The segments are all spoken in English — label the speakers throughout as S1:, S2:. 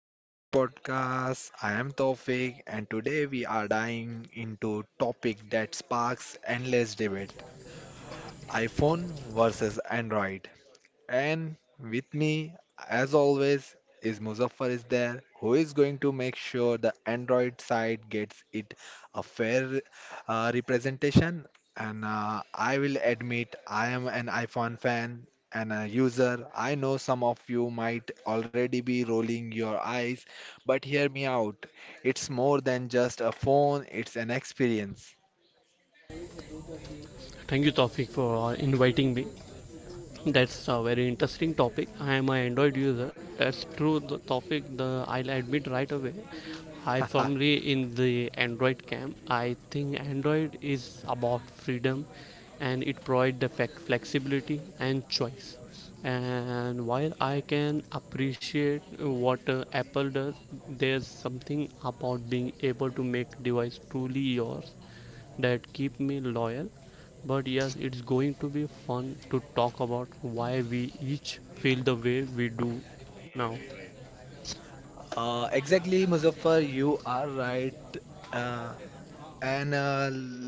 S1: back to my podcast. I am Tawfiq, and today we are diving into topic that sparks endless debate: iPhone versus Android. And with me, as always, is Muzaffar is there, who is going to make sure the Android side gets it a fair representation. And I will admit, I am an iPhone fan and a user. I know some of you might already be rolling your eyes, but hear me out. It's more than just a phone, it's an experience.
S2: Thank you, Tawfiq, for inviting me. That's a very interesting topic. I am an Android user. That's true. The topic, the I'll admit right away. I firmly in the Android camp. I think Android is about freedom, and it provides the flexibility and choice. And while I can appreciate what Apple does, there's something about being able to make device truly yours that keep me loyal. But yes, it's going to be fun to talk about why we each feel the way we do now.
S1: Exactly, Muzaffar, you are right. Uh, And uh,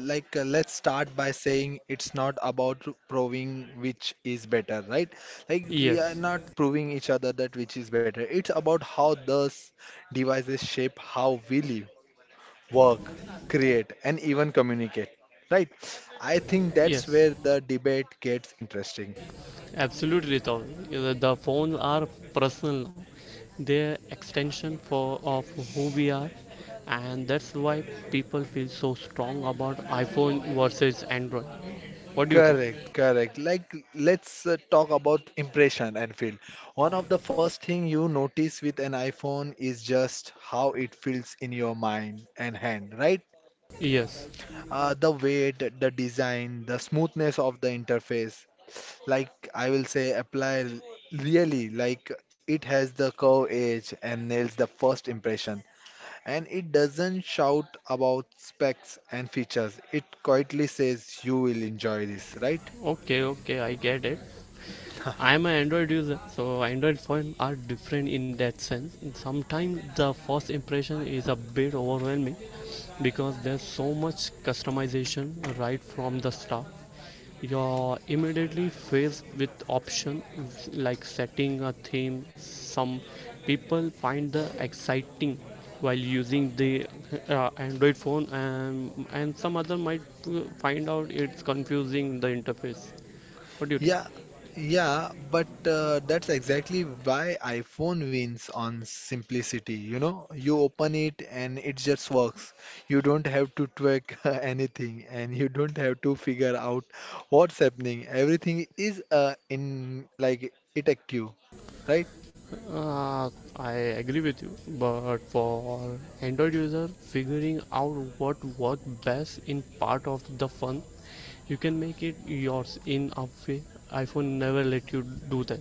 S1: like, uh, let's start by saying it's not about proving which is better, right? Like, we are
S2: Yes,
S1: not proving each other that which is better. It's about how those devices shape how we live, work, create, and even communicate, right? I think that's
S2: yes,
S1: where the debate gets interesting.
S2: absolutely, Taul. The phones are personal now. They're extension for of who we are, and that's why people feel so strong about iPhone versus Android. What do you think?
S1: Correct, correct. Like, let's talk about impression and feel. One of the first thing you notice with an iPhone is just how it feels in your mind and hand, right?
S2: Yes.
S1: The weight, the design, the smoothness of the interface. Like, I will say, apply really like it has the curve edge and nails the first impression. And it doesn't shout about specs and features. It quietly says you will enjoy this, right?
S2: Okay, okay, I get it. I'm an Android user, so Android phones are different in that sense. Sometimes the first impression is a bit overwhelming because there's so much customization right from the start. You're immediately faced with options like setting a theme. Some people find the exciting while using the Android phone, and some other might find out it's confusing the interface. What do you think?
S1: Yeah, yeah, but that's exactly why iPhone wins on simplicity. You know, you open it and it just works. You don't have to tweak anything and you don't have to figure out what's happening. Everything is in like it active, right?
S2: Uh, I agree with you, but for Android user, figuring out what work best in part of the fun, you can make it yours in a way. iPhone never let you do that.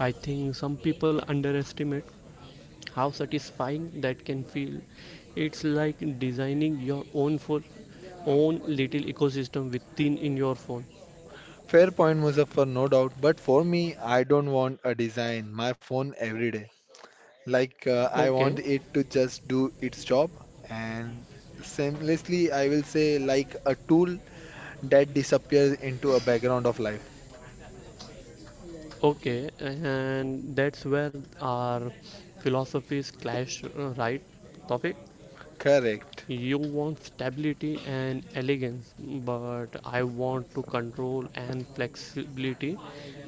S2: I think some people underestimate how satisfying that can feel. It's like designing your own phone, own little ecosystem within in your phone.
S1: Fair point, Muzaffar, no doubt. But for me, I don't want a design my phone every day. Like I
S2: Okay,
S1: want it to just do its job and seamlessly I will say like a tool that disappears into a background of life.
S2: okay, and that's where our philosophies clash, right? Topic.
S1: Correct.
S2: You want stability and elegance, but I want to control and flexibility,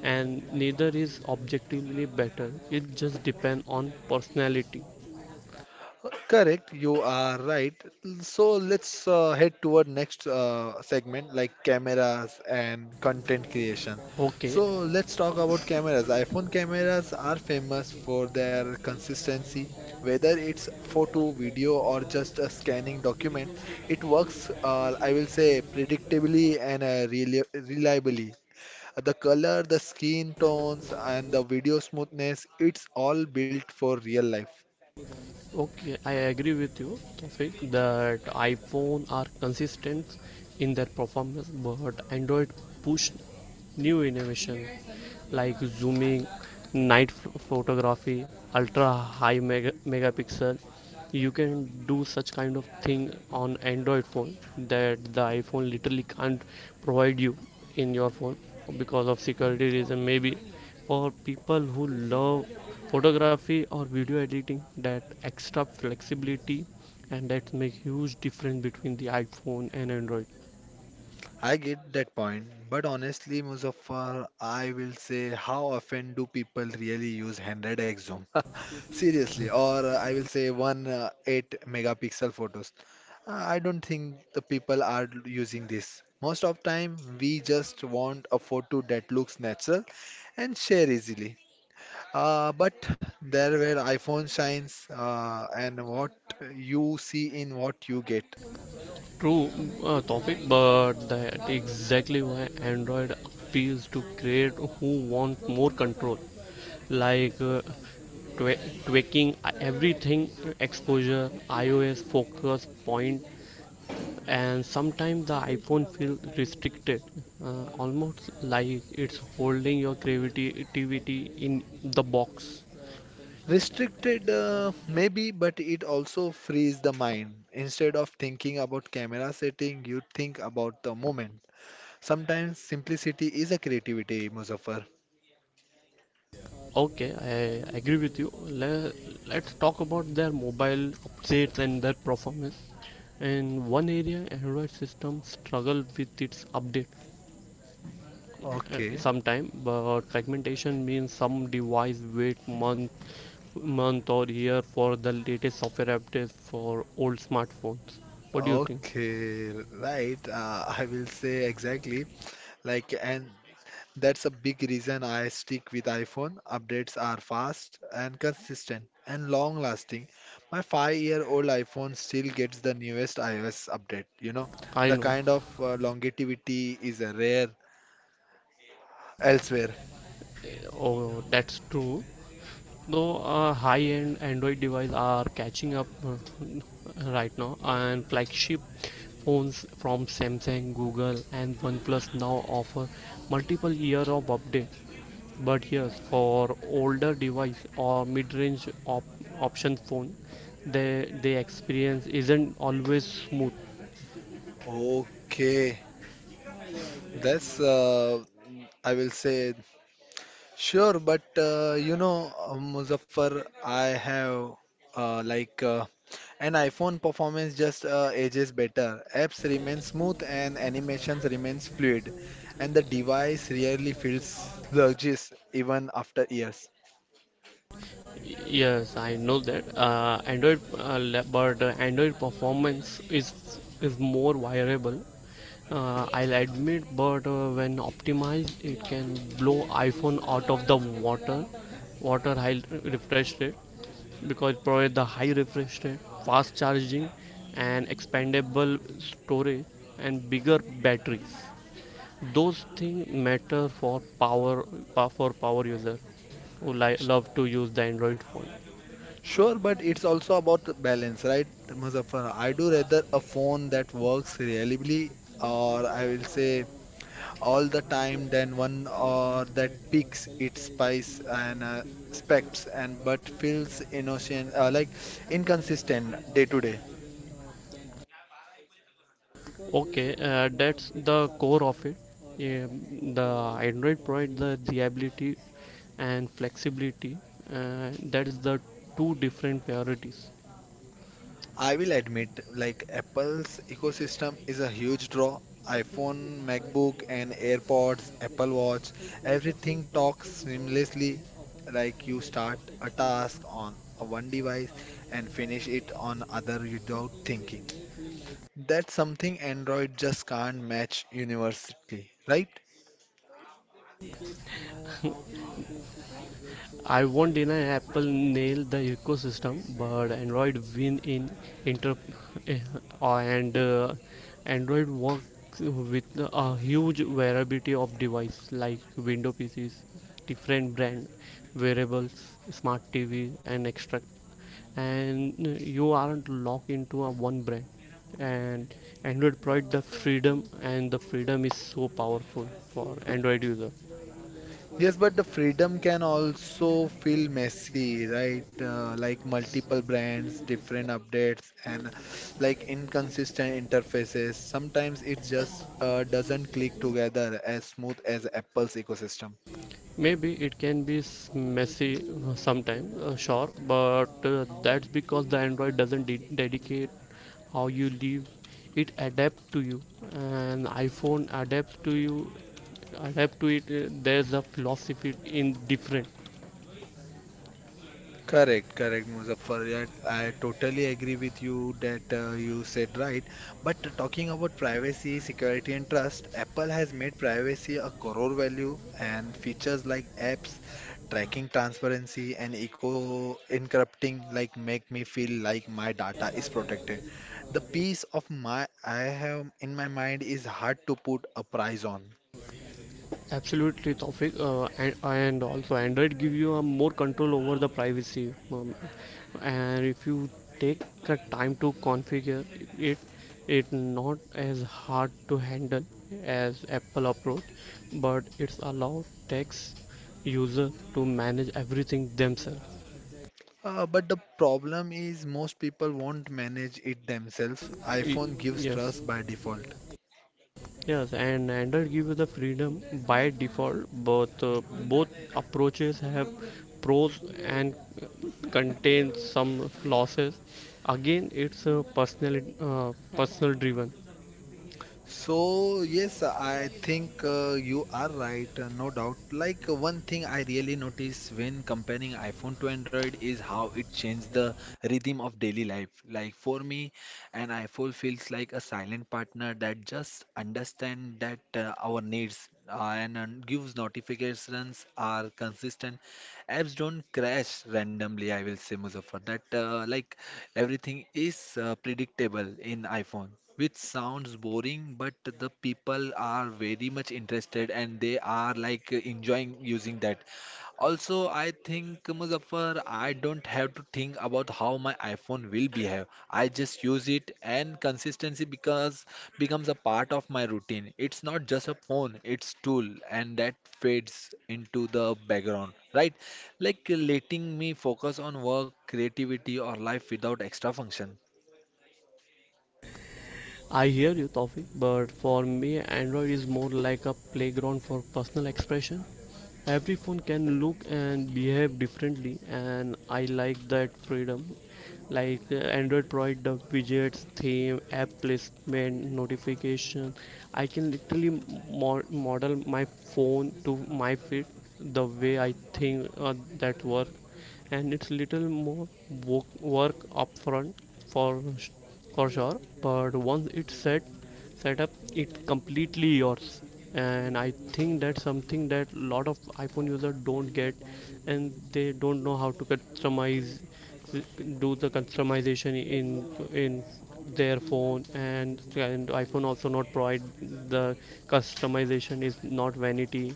S2: and neither is objectively better. It just depends on personality.
S1: Correct, you are right. So let's head toward next segment like cameras and content creation.
S2: Okay,
S1: So let's talk about cameras. iPhone cameras are famous for their consistency, whether it's photo, video, or just a scanning document. It works, I will say, predictably and reliably. The color, the skin tones, and the video smoothness, it's all built for real life.
S2: okay, I agree with you, Tawfiq, that iPhone are consistent in their performance, but Android push new innovation like zooming, photography, megapixel. You can do such kind of thing on Android phone that the iPhone literally can't provide you in your phone because of security reason maybe. For people who love photography or video editing, that extra flexibility and that make huge difference between the iPhone and Android.
S1: I get that point, but honestly, Muzaffar, I will say how often do people really use 100 x zoom? Seriously, or I will say one 8 megapixel photos. I don't think the people are using this. Most of time, we just want a photo that looks natural and share easily. But there were iPhone shines, and what you see in what you get.
S2: True, topic, but that exactly why Android appeals to create who want more control, like tweaking everything, exposure, iOS focus point. And sometimes the iPhone feels restricted, almost like it's holding your creativity in the box.
S1: Restricted, maybe, but it also frees the mind. Instead of thinking about camera setting, you think about the moment. Sometimes simplicity is a creativity, Muzaffar.
S2: Okay, I agree with you. Le- let's talk about their mobile updates and their performance. In one area, Android system struggled with its update,
S1: Okay,
S2: sometime, but fragmentation means some device wait month month or year for the latest software updates for old smartphones. What do you think?
S1: okay, right. I will say exactly, like, and that's a big reason I stick with iPhone. Updates are fast and consistent and long lasting. My 5-year-old iPhone still gets the newest iOS update. You know,
S2: I
S1: the
S2: know.
S1: kind of longevity is rare elsewhere.
S2: Oh, that's true, though high-end Android devices are catching up right now, and flagship phones from Samsung, Google, and OnePlus now offer multiple years of update. But yes, for older device or option phone, the experience isn't always smooth.
S1: Okay, that's I will say sure, but you know, Muzaffar, I have uh, like uh, and iPhone performance just ages better. Apps remain smooth and animations remains fluid, and the device rarely feels sluggish even after years.
S2: Yes, I know that. Android, but Android performance is more variable. I'll admit, but when optimized, it can blow iPhone out of the water. Water high refresh rate, because it provides the high refresh rate, fast charging, and expandable storage and bigger batteries. Those things matter for power, for power user who
S1: Sh-
S2: love to use the Android phone.
S1: Sure, but it's also about the balance, right, Muzaffar? I do rather a phone that works reliably, or I will say all the time, than one or that picks its spice and specs and but feels innocent, like inconsistent day to day.
S2: Okay, that's the core of it. The Android provides the reliability and flexibility. That's the two different priorities.
S1: I will admit, like Apple's ecosystem is a huge draw. iPhone, MacBook, and AirPods, Apple Watch, everything talks seamlessly. Like you start a task on a one device and finish it on other without thinking. That's something Android just can't match universally, right?
S2: I won't deny Apple nailed the ecosystem, but Android win in inter and Android works with a huge variety of device like Windows PCs, different brand wearables, smart TV, and extra. And you aren't locked into a one brand. And Android provides the freedom, and the freedom is so powerful for Android user.
S1: Yes, but the freedom can also feel messy, right? Like multiple brands, different updates, and like inconsistent interfaces. Sometimes it just doesn't click together as smooth as Apple's ecosystem.
S2: Maybe it can be messy sometimes, sure, but that's because the Android doesn't dedicate how you live. It adapts to you, and iPhone adapts to you. Adapt to it. There's a philosophy in different.
S1: Correct, correct, Muzaffar. Yeah, I totally agree with you that you said right. But talking about privacy, security, and trust, Apple has made privacy a core value, and features like apps, tracking transparency, and eco encrypting like make me feel like my data is protected. The peace of my I have in my mind is hard to put a price on.
S2: Absolutely, Taufik, and also Android give you a more control over the privacy. And if you take a time to configure it, it's not as hard to handle as Apple approach, but it's allow text user to manage everything themselves.
S1: But the problem is most people won't manage it themselves.
S2: Y-
S1: iPhone gives
S2: yes,
S1: trust by default.
S2: yes, and Android gives you the freedom by default. Both both approaches have pros and contain some losses. Again, it's a personal, personal driven.
S1: So, yes, I think you are right, no doubt. Like, one thing I really notice when comparing iPhone to Android is how it changed the rhythm of daily life. Like, for me, an iPhone feels like a silent partner that just understands that our needs and gives notifications are consistent. Apps don't crash randomly, I will say, Muzaffar. That, like, everything is predictable in iPhone which sounds boring, but the people are very much interested and they are like enjoying using that. Also, I think Muzaffar, I don't have to think about how my iPhone will behave. I just use it, and consistency because becomes a part of my routine. It's not just a phone; it's tool, and that fades into the background, right? Like letting me focus on work, creativity, or life without extra function.
S2: I hear you, Tawfiq, but for me, Android is more like a playground for personal expression. Every phone can look and behave differently, and I like that freedom. Like, Android provide the widgets, theme, app placement, notification. I can literally model my phone to my fit the way I think that work. And it's little more work, work upfront for for sure, but once it's set up it completely yours. And I think that's something that a lot of iPhone users don't get, and they don't know how to customize, do the customization in their phone. And iPhone also not provide the customization is not vanity,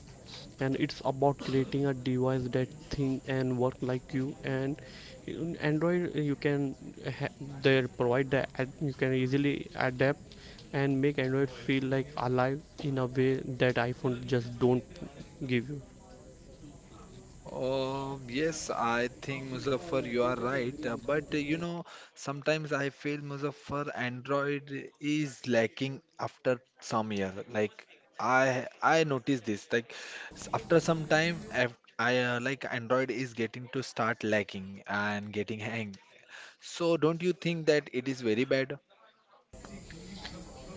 S2: and it's about creating a device that think and work like you. And in Android you can ha- they provide the you can easily adapt and make Android feel like alive in a way that iPhone just don't give you.
S1: Yes, I think Muzaffar, you are right. But you know, sometimes I feel Muzaffar Android is lacking after some year. Like I noticed this. Like after some time, I like Android is getting to start lacking and getting hang. So don't you think that it is very bad?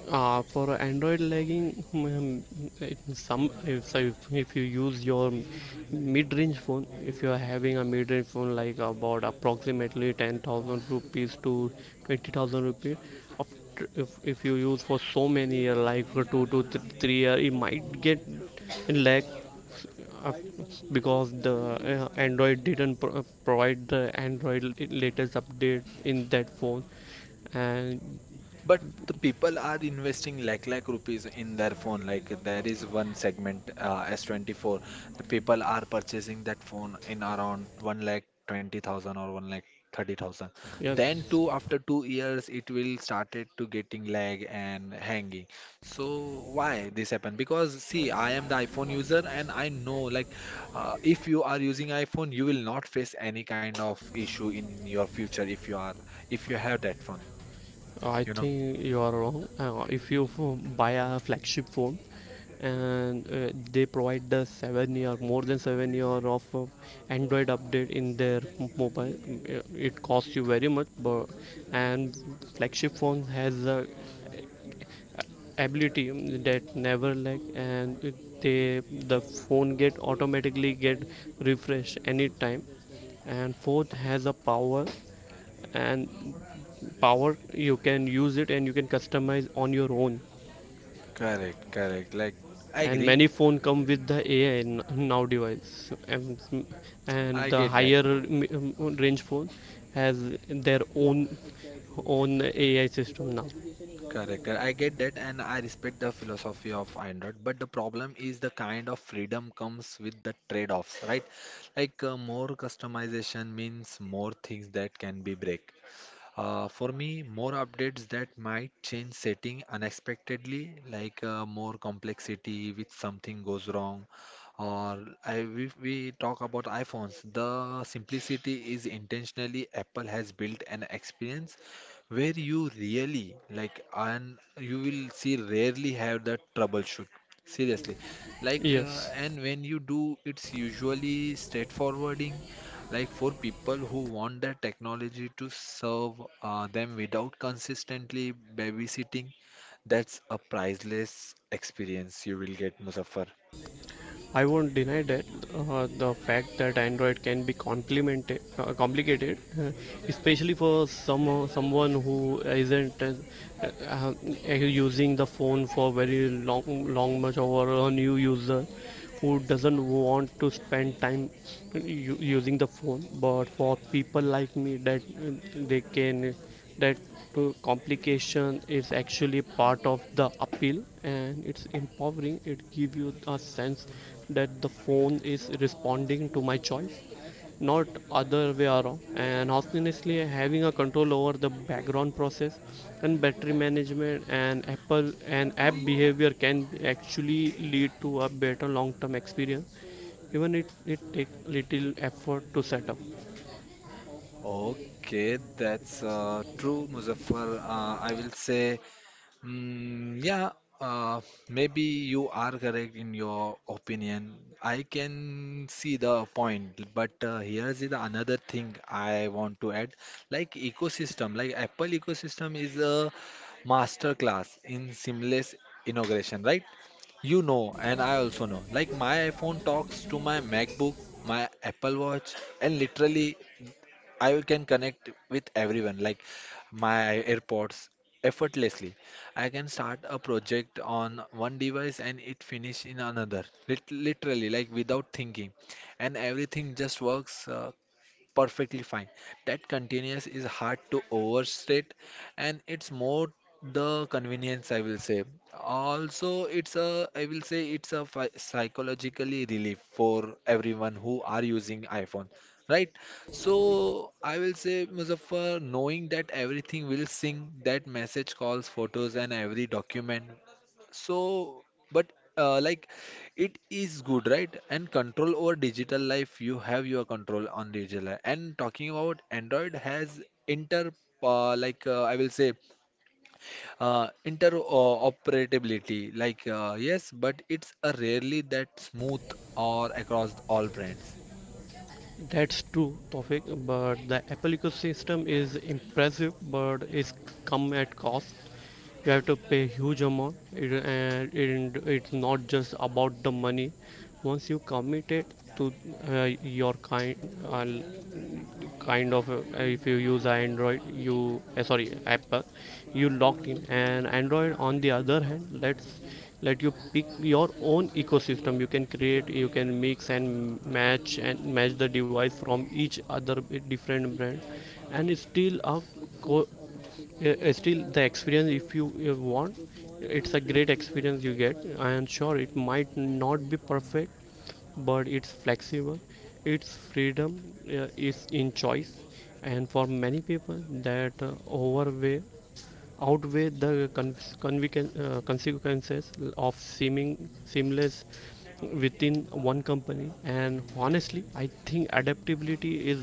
S2: For Android lagging, it- some if, so if you use your mid-range phone, if you are having a mid-range phone like about approximately 10,000 rupees to 20,000 rupees, after, if you use for so many year, like for two to 3 year, it might get lag because the Android didn't provide the Android latest update in that phone, and
S1: But the people are investing lakh lakh rupees in their phone. Like there is one segment S24. The people are purchasing that phone in around one lakh 20,000 or one lakh 30,000. Then
S2: yes.
S1: 2 years, it will started to getting lag and hanging. So why this happened? Because see, I am the iPhone user and I know like if you are using iPhone, you will not face any kind of issue in your future if you have that phone.
S2: I
S1: You know.
S2: think you are wrong. If you buy a flagship phone and they provide the 7 year, more than 7 year of Android update in their mobile, it costs you very much. But and flagship phone has a ability that never lag, and they the phone get automatically get refreshed anytime and fourth has a power. And power you can use it and you can customize on your own.
S1: Correct, correct. Like, I
S2: And
S1: agree.
S2: many phone come with the AI now device, and
S1: I
S2: the
S1: get that.
S2: higher range phone has their own AI system now.
S1: Correct. I get that, and I respect the philosophy of Android. But the problem is the kind of freedom comes with the trade-offs, right? Like, more customization means more things that can be break. For me, more updates that might change setting unexpectedly, like more complexity with something goes wrong, or if we talk about iPhones, the simplicity is intentionally Apple has built an experience where you really like and you will see rarely have the troubleshoot. Seriously, like
S2: Yes.
S1: and when you do, it's usually straightforwarding like for people who want the technology to serve them without consistently babysitting that's a priceless experience you will get Muzaffar.
S2: I won't deny that the fact that Android can be complimented, complicated, especially for someone who isn't uh, using the phone for very long, long much, or a new user who doesn't want to spend time using the phone. But for people like me, that that to complication is actually part of the appeal, and it's empowering. It gives you a sense that the phone is responding to my choice, not other way around. And honestly, having a control over the background process and battery management and apple and app behavior can actually lead to a better long term experience, even if it takes little effort to set up.
S1: Okay, that's true, Muzaffar, I will say. Mm, yeah, uh, maybe you are correct in your opinion. I can see the point, but here is the another thing I want to add. Like ecosystem, like Apple ecosystem is a master class in seamless integration, right? You know, and I also know. Like my iPhone talks to my MacBook, my Apple Watch, and literally I can connect with everyone, like my AirPods, effortlessly. I can start a project on one device and it finish in another, literally, like without thinking. And everything just works. Perfectly fine. That convenience is hard to overstate, and it's more the convenience, I will say. Also, I will say, it's a psychologically relief for everyone who are using iPhone, right? So I will say, Muzaffar, knowing that everything will sync, that message calls, photos, and every document. So but like it is good, right? And control over digital life, you have your control on digital life. And talking about Android has inter like I will say interoperability, like, yes, but it's a rarely that smooth or across all brands.
S2: That's true, Tofik, but the Apple ecosystem is impressive, but it's come at cost. You have to pay huge amount, it's not just about the money. Once you commit it to your kind, uh, kind of if you use Android you sorry Apple, you locked in. And Android on the other hand let's let you pick your own ecosystem. You can create, you can mix and match the device from each other, different brand, and it's still a co- yeah, still the experience if you want, it's a great experience you get. I am sure it might not be perfect, but it's flexible. It's freedom is in choice, and for many people that overweight outweigh the consequences of seeming seamless within one company. And honestly, I think adaptability is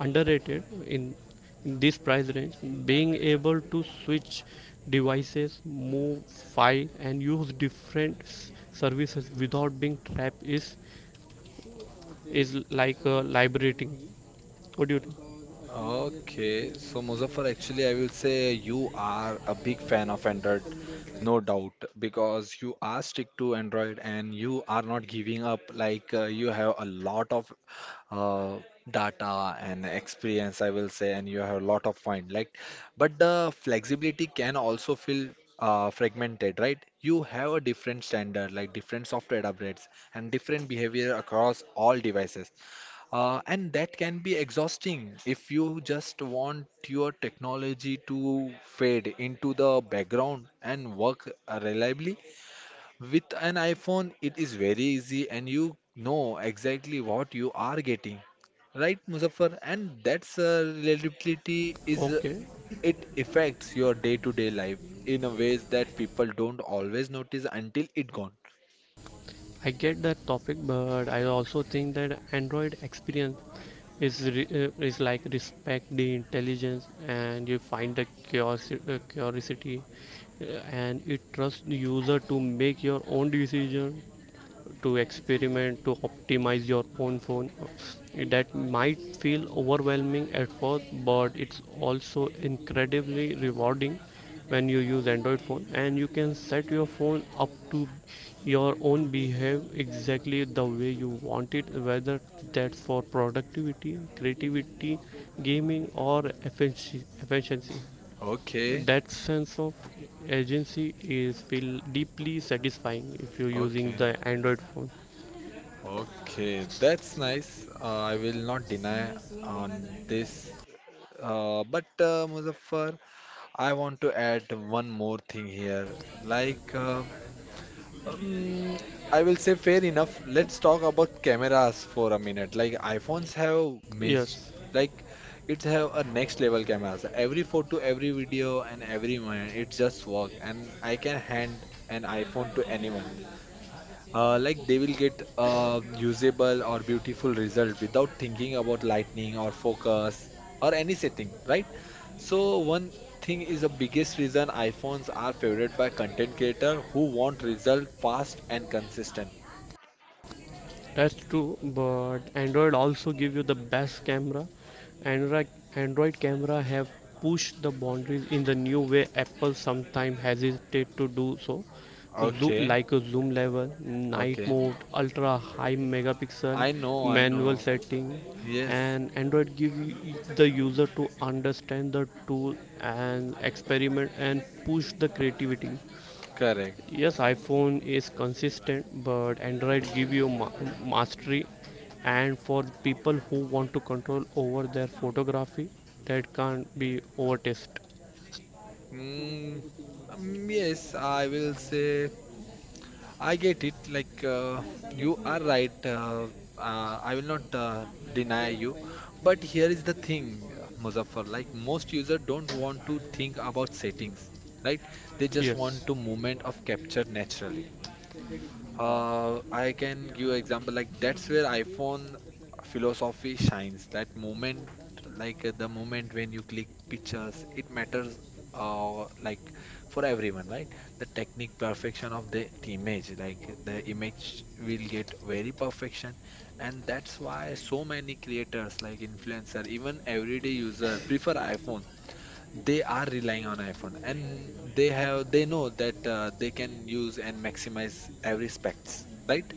S2: underrated in this price range. Being able to switch devices, move file and use different services without being trapped is like liberating. What do you think?
S1: Okay, so Muzaffar, actually, I will say you are a big fan of Android, no doubt, because you are stick to Android and you are not giving up. Like you have a lot of uh, data and experience, I will say, and you have a lot of mind. Like, but the flexibility can also feel fragmented, right? You have a different standard, like different software upgrades and different behavior across all devices. And that can be exhausting if you just want your technology to fade into the background and work reliably. With an iPhone, it is very easy and you know exactly what you are getting. Right, Muzaffar? And that's reliability is
S2: Okay,
S1: it affects your day-to-day life in a ways that people don't always notice until it gone.
S2: I get that topic, but I also think that Android experience is re, is like respect the intelligence and you find the curiosity, uh, and it trusts the user to make your own decision, to experiment, to optimize your own phone. That might feel overwhelming at first, but it's also incredibly rewarding. When you use Android phone and you can set your phone up to your own behave exactly the way you want it, whether that's for productivity, creativity, gaming, or efficiency,
S1: Okay,
S2: that sense of agency is feel deeply satisfying if you're using
S1: okay.
S2: the Android phone.
S1: Okay, that's nice. I will not deny on this. But Muzaffar, I want to add one more thing here. Like, uh, um, I will say fair enough. Let's talk about cameras for a minute. Like, iPhones have missed,
S2: Yes,
S1: like, it have a next level cameras. Every photo, every video, and every moment, it just work. And I can hand an iPhone to anyone, like they will get a usable or beautiful result without thinking about lightning or focus or any setting, right? So one thing is the biggest reason iPhones are favored by content creator who want result fast and consistent.
S2: that's true. But Android also give you the best camera. Android Android camera have pushed the boundaries in the new way Apple sometimes hesitate to do so. Zoom,
S1: Okay,
S2: like a zoom level, night
S1: okay,
S2: mode, ultra high megapixel,
S1: I know, I
S2: manual
S1: know,
S2: setting.
S1: yes,
S2: And Android give you the user to understand the tool and experiment and push the creativity.
S1: correct.
S2: Yes, iPhone is consistent, but Android give you mastery. And for people who want to control over their photography, that can't be overtest.
S1: mm, yes, I will say I get it. You are right. I will not deny you, but here is the thing, Muzaffar. Like most users don't want to think about settings, right? They just want
S2: Yes.
S1: to moment of capture naturally. I can give example like that's where iPhone philosophy shines. That moment, the moment when you click pictures, it matters. Like for everyone, right? The technique perfection of the image, like the image will get very perfection, and that's why so many creators, like influencer, even everyday user, prefer iPhone. They are relying on iPhone and they know that they can use and maximize every specs, right?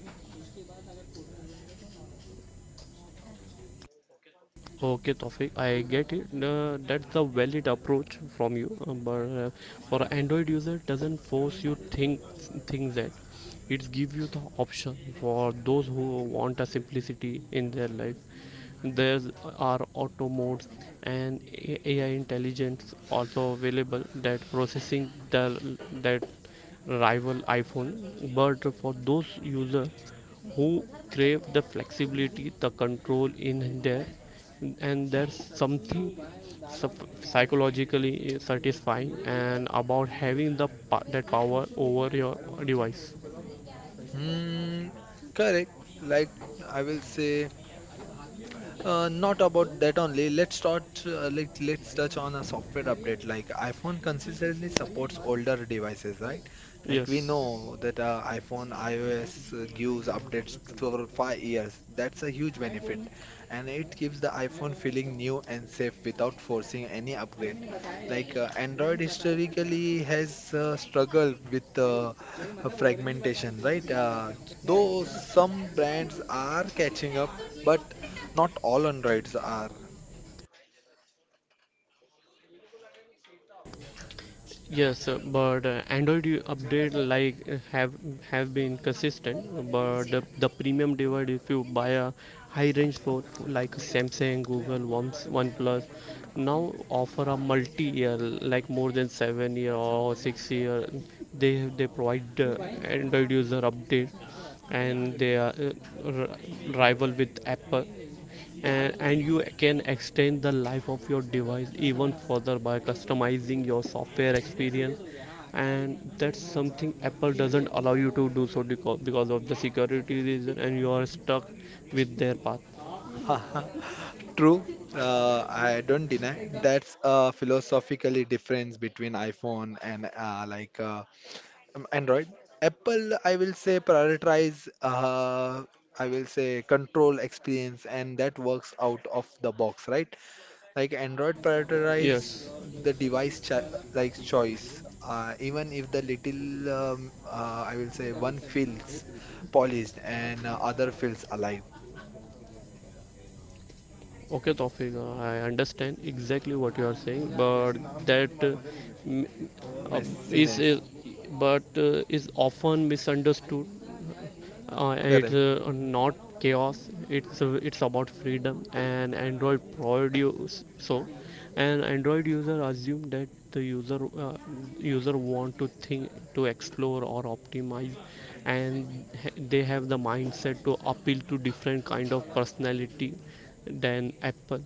S2: Okay, Tofik, I get it. That's a valid approach from you, but for Android user, it doesn't force you think things that it gives you the option for those who want a simplicity in their life. There are auto modes and AI intelligence also available that processing the that rival iPhone, but for those users who crave the flexibility, the control in there, and there's something psychologically satisfying and about having the that power over your device.
S1: Mm, correct. Like I will say. Not about that only. Let's start. Like let's touch on a software update. Like iPhone consistently supports older devices, right? Like we
S2: Yes.
S1: know that iPhone iOS gives updates for 5 years. That's a huge benefit, and it keeps the iPhone feeling new and safe without forcing any upgrade. Android historically has struggled with fragmentation, right? Though some brands are catching up. But not all Androids are.
S2: Yes, but Android update like have been consistent. But the premium device, if you buy a high range phone like Samsung, Google, OnePlus, now offer a multi year, like more than 7 year or 6 year. They provide Android user update, and they are rival with Apple. And you can extend the life of your device even further by customizing your software experience. And that's something Apple doesn't allow you to do so, because of the security reason, and you are stuck with their path.
S1: True, I don't deny. That's a philosophically difference between iPhone and Android. Apple, I will say, prioritize. I will say control experience, and that works out of the box, right? Like Android prioritize
S2: Yes.
S1: the device cho like choice, even if the little I will say one feels polished and other feels alive.
S2: Okay, Tawfiq, I understand exactly what you are saying, but that m- uh, is
S1: Messiness,
S2: but is often misunderstood. It's
S1: correct.
S2: not chaos, it's about freedom, and Android produce so. And Android user assume that the user user want to think to explore or optimize. And they have the mindset to appeal to different kind of personality than Apple.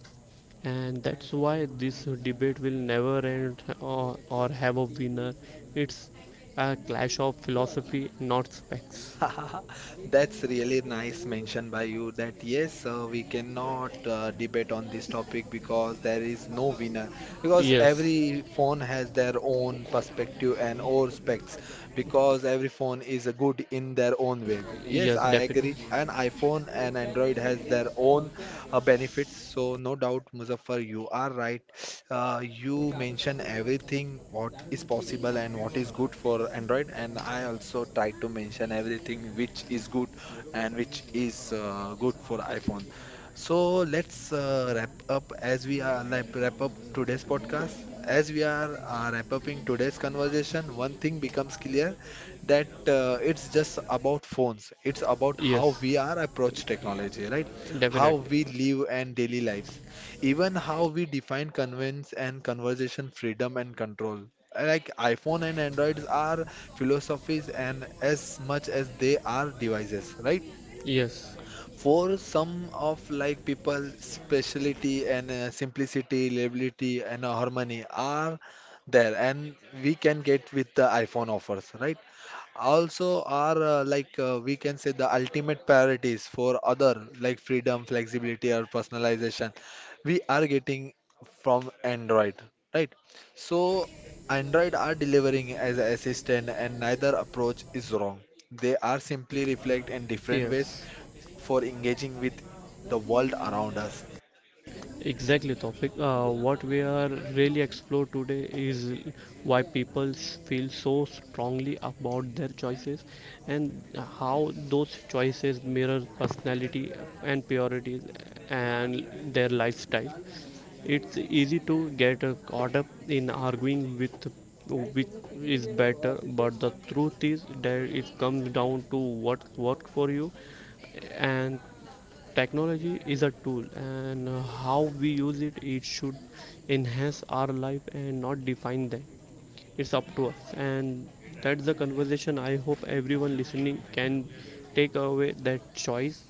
S2: And that's why this debate will never end, or have a winner. It's a clash of philosophy, not specs.
S1: That's really nice mention by you that yes, we cannot debate on this topic because there is no winner. Because
S2: Yes.
S1: every phone has their own perspective and or specs. Because every phone is good in their own way. Yes,
S2: Yes,
S1: I
S2: definitely.
S1: agree. And iPhone and Android has their own benefits. So no doubt, Muzaffar, you are right. You mention everything what is possible and what is good for Android, and I also try to mention everything which is good and which is good for iPhone. So let's wrap up as we are like wrap up today's podcast. As we are wrap upping today's conversation, one thing becomes clear that it's just about phones. It's about how
S2: Yes,
S1: we are approach technology, right? How
S2: definitely.
S1: we live and daily lives, even how we define convenience and conversation freedom and control. Like iPhone and Androids are philosophies and as much as they are devices, right?
S2: Yes.
S1: For some of like people, speciality and simplicity, reliability and harmony are there and we can get with the iPhone offers, right? Also are we can say the ultimate priorities for other like freedom flexibility or personalization we are getting from Android, right? So Android are delivering as an assistant and neither approach is wrong. They are simply reflect in different ways
S2: Yes.
S1: for engaging with the world around us.
S2: Exactly, topic. What we are really explore today is why people feel so strongly about their choices, and how those choices mirror personality and priorities and their lifestyle. It's easy to get caught up in arguing with which is better, but the truth is that it comes down to what worked for you. And technology is a tool, and how we use it, it should enhance our life and not define them. It's up to us, and that's the conversation. I hope everyone listening can take away that choice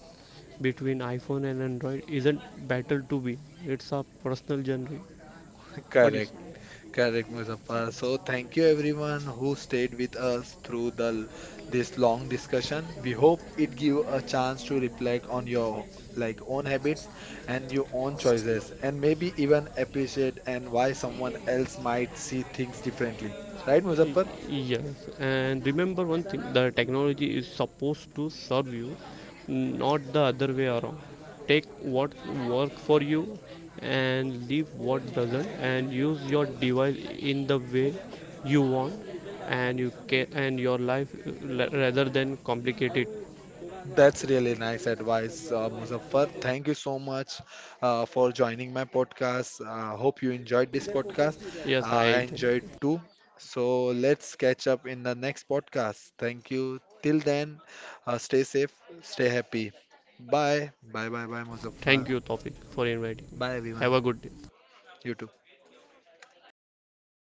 S2: between iPhone and Android isn't battle to win. It's a personal journey. What do you
S1: Correct.
S2: say?
S1: Correct, Muzaffar. So, thank you everyone who stayed with us through the this long discussion. We hope it give a chance to reflect on your like own habits and your own choices, and maybe even appreciate and why someone else might see things differently. Right, Muzaffar?
S2: Yes, and remember one thing, the technology is supposed to serve you, not the other way around. Take what works for you and leave what doesn't, and use your device in the way you want and you can and your life rather than complicate it.
S1: That's really nice advice, Muzaffar. Thank you so much for joining my podcast. Hope you enjoyed this podcast.
S2: Yes,
S1: Uh,
S2: I
S1: I
S2: enjoy.
S1: enjoyed too. So let's catch up in the next podcast. Thank you. Till then, stay safe, stay happy. Bye. Bye bye, Muzaffar.
S2: Thank you, Tofik, for inviting me.
S1: Bye
S2: Have
S1: everyone.
S2: a good day.
S1: You too.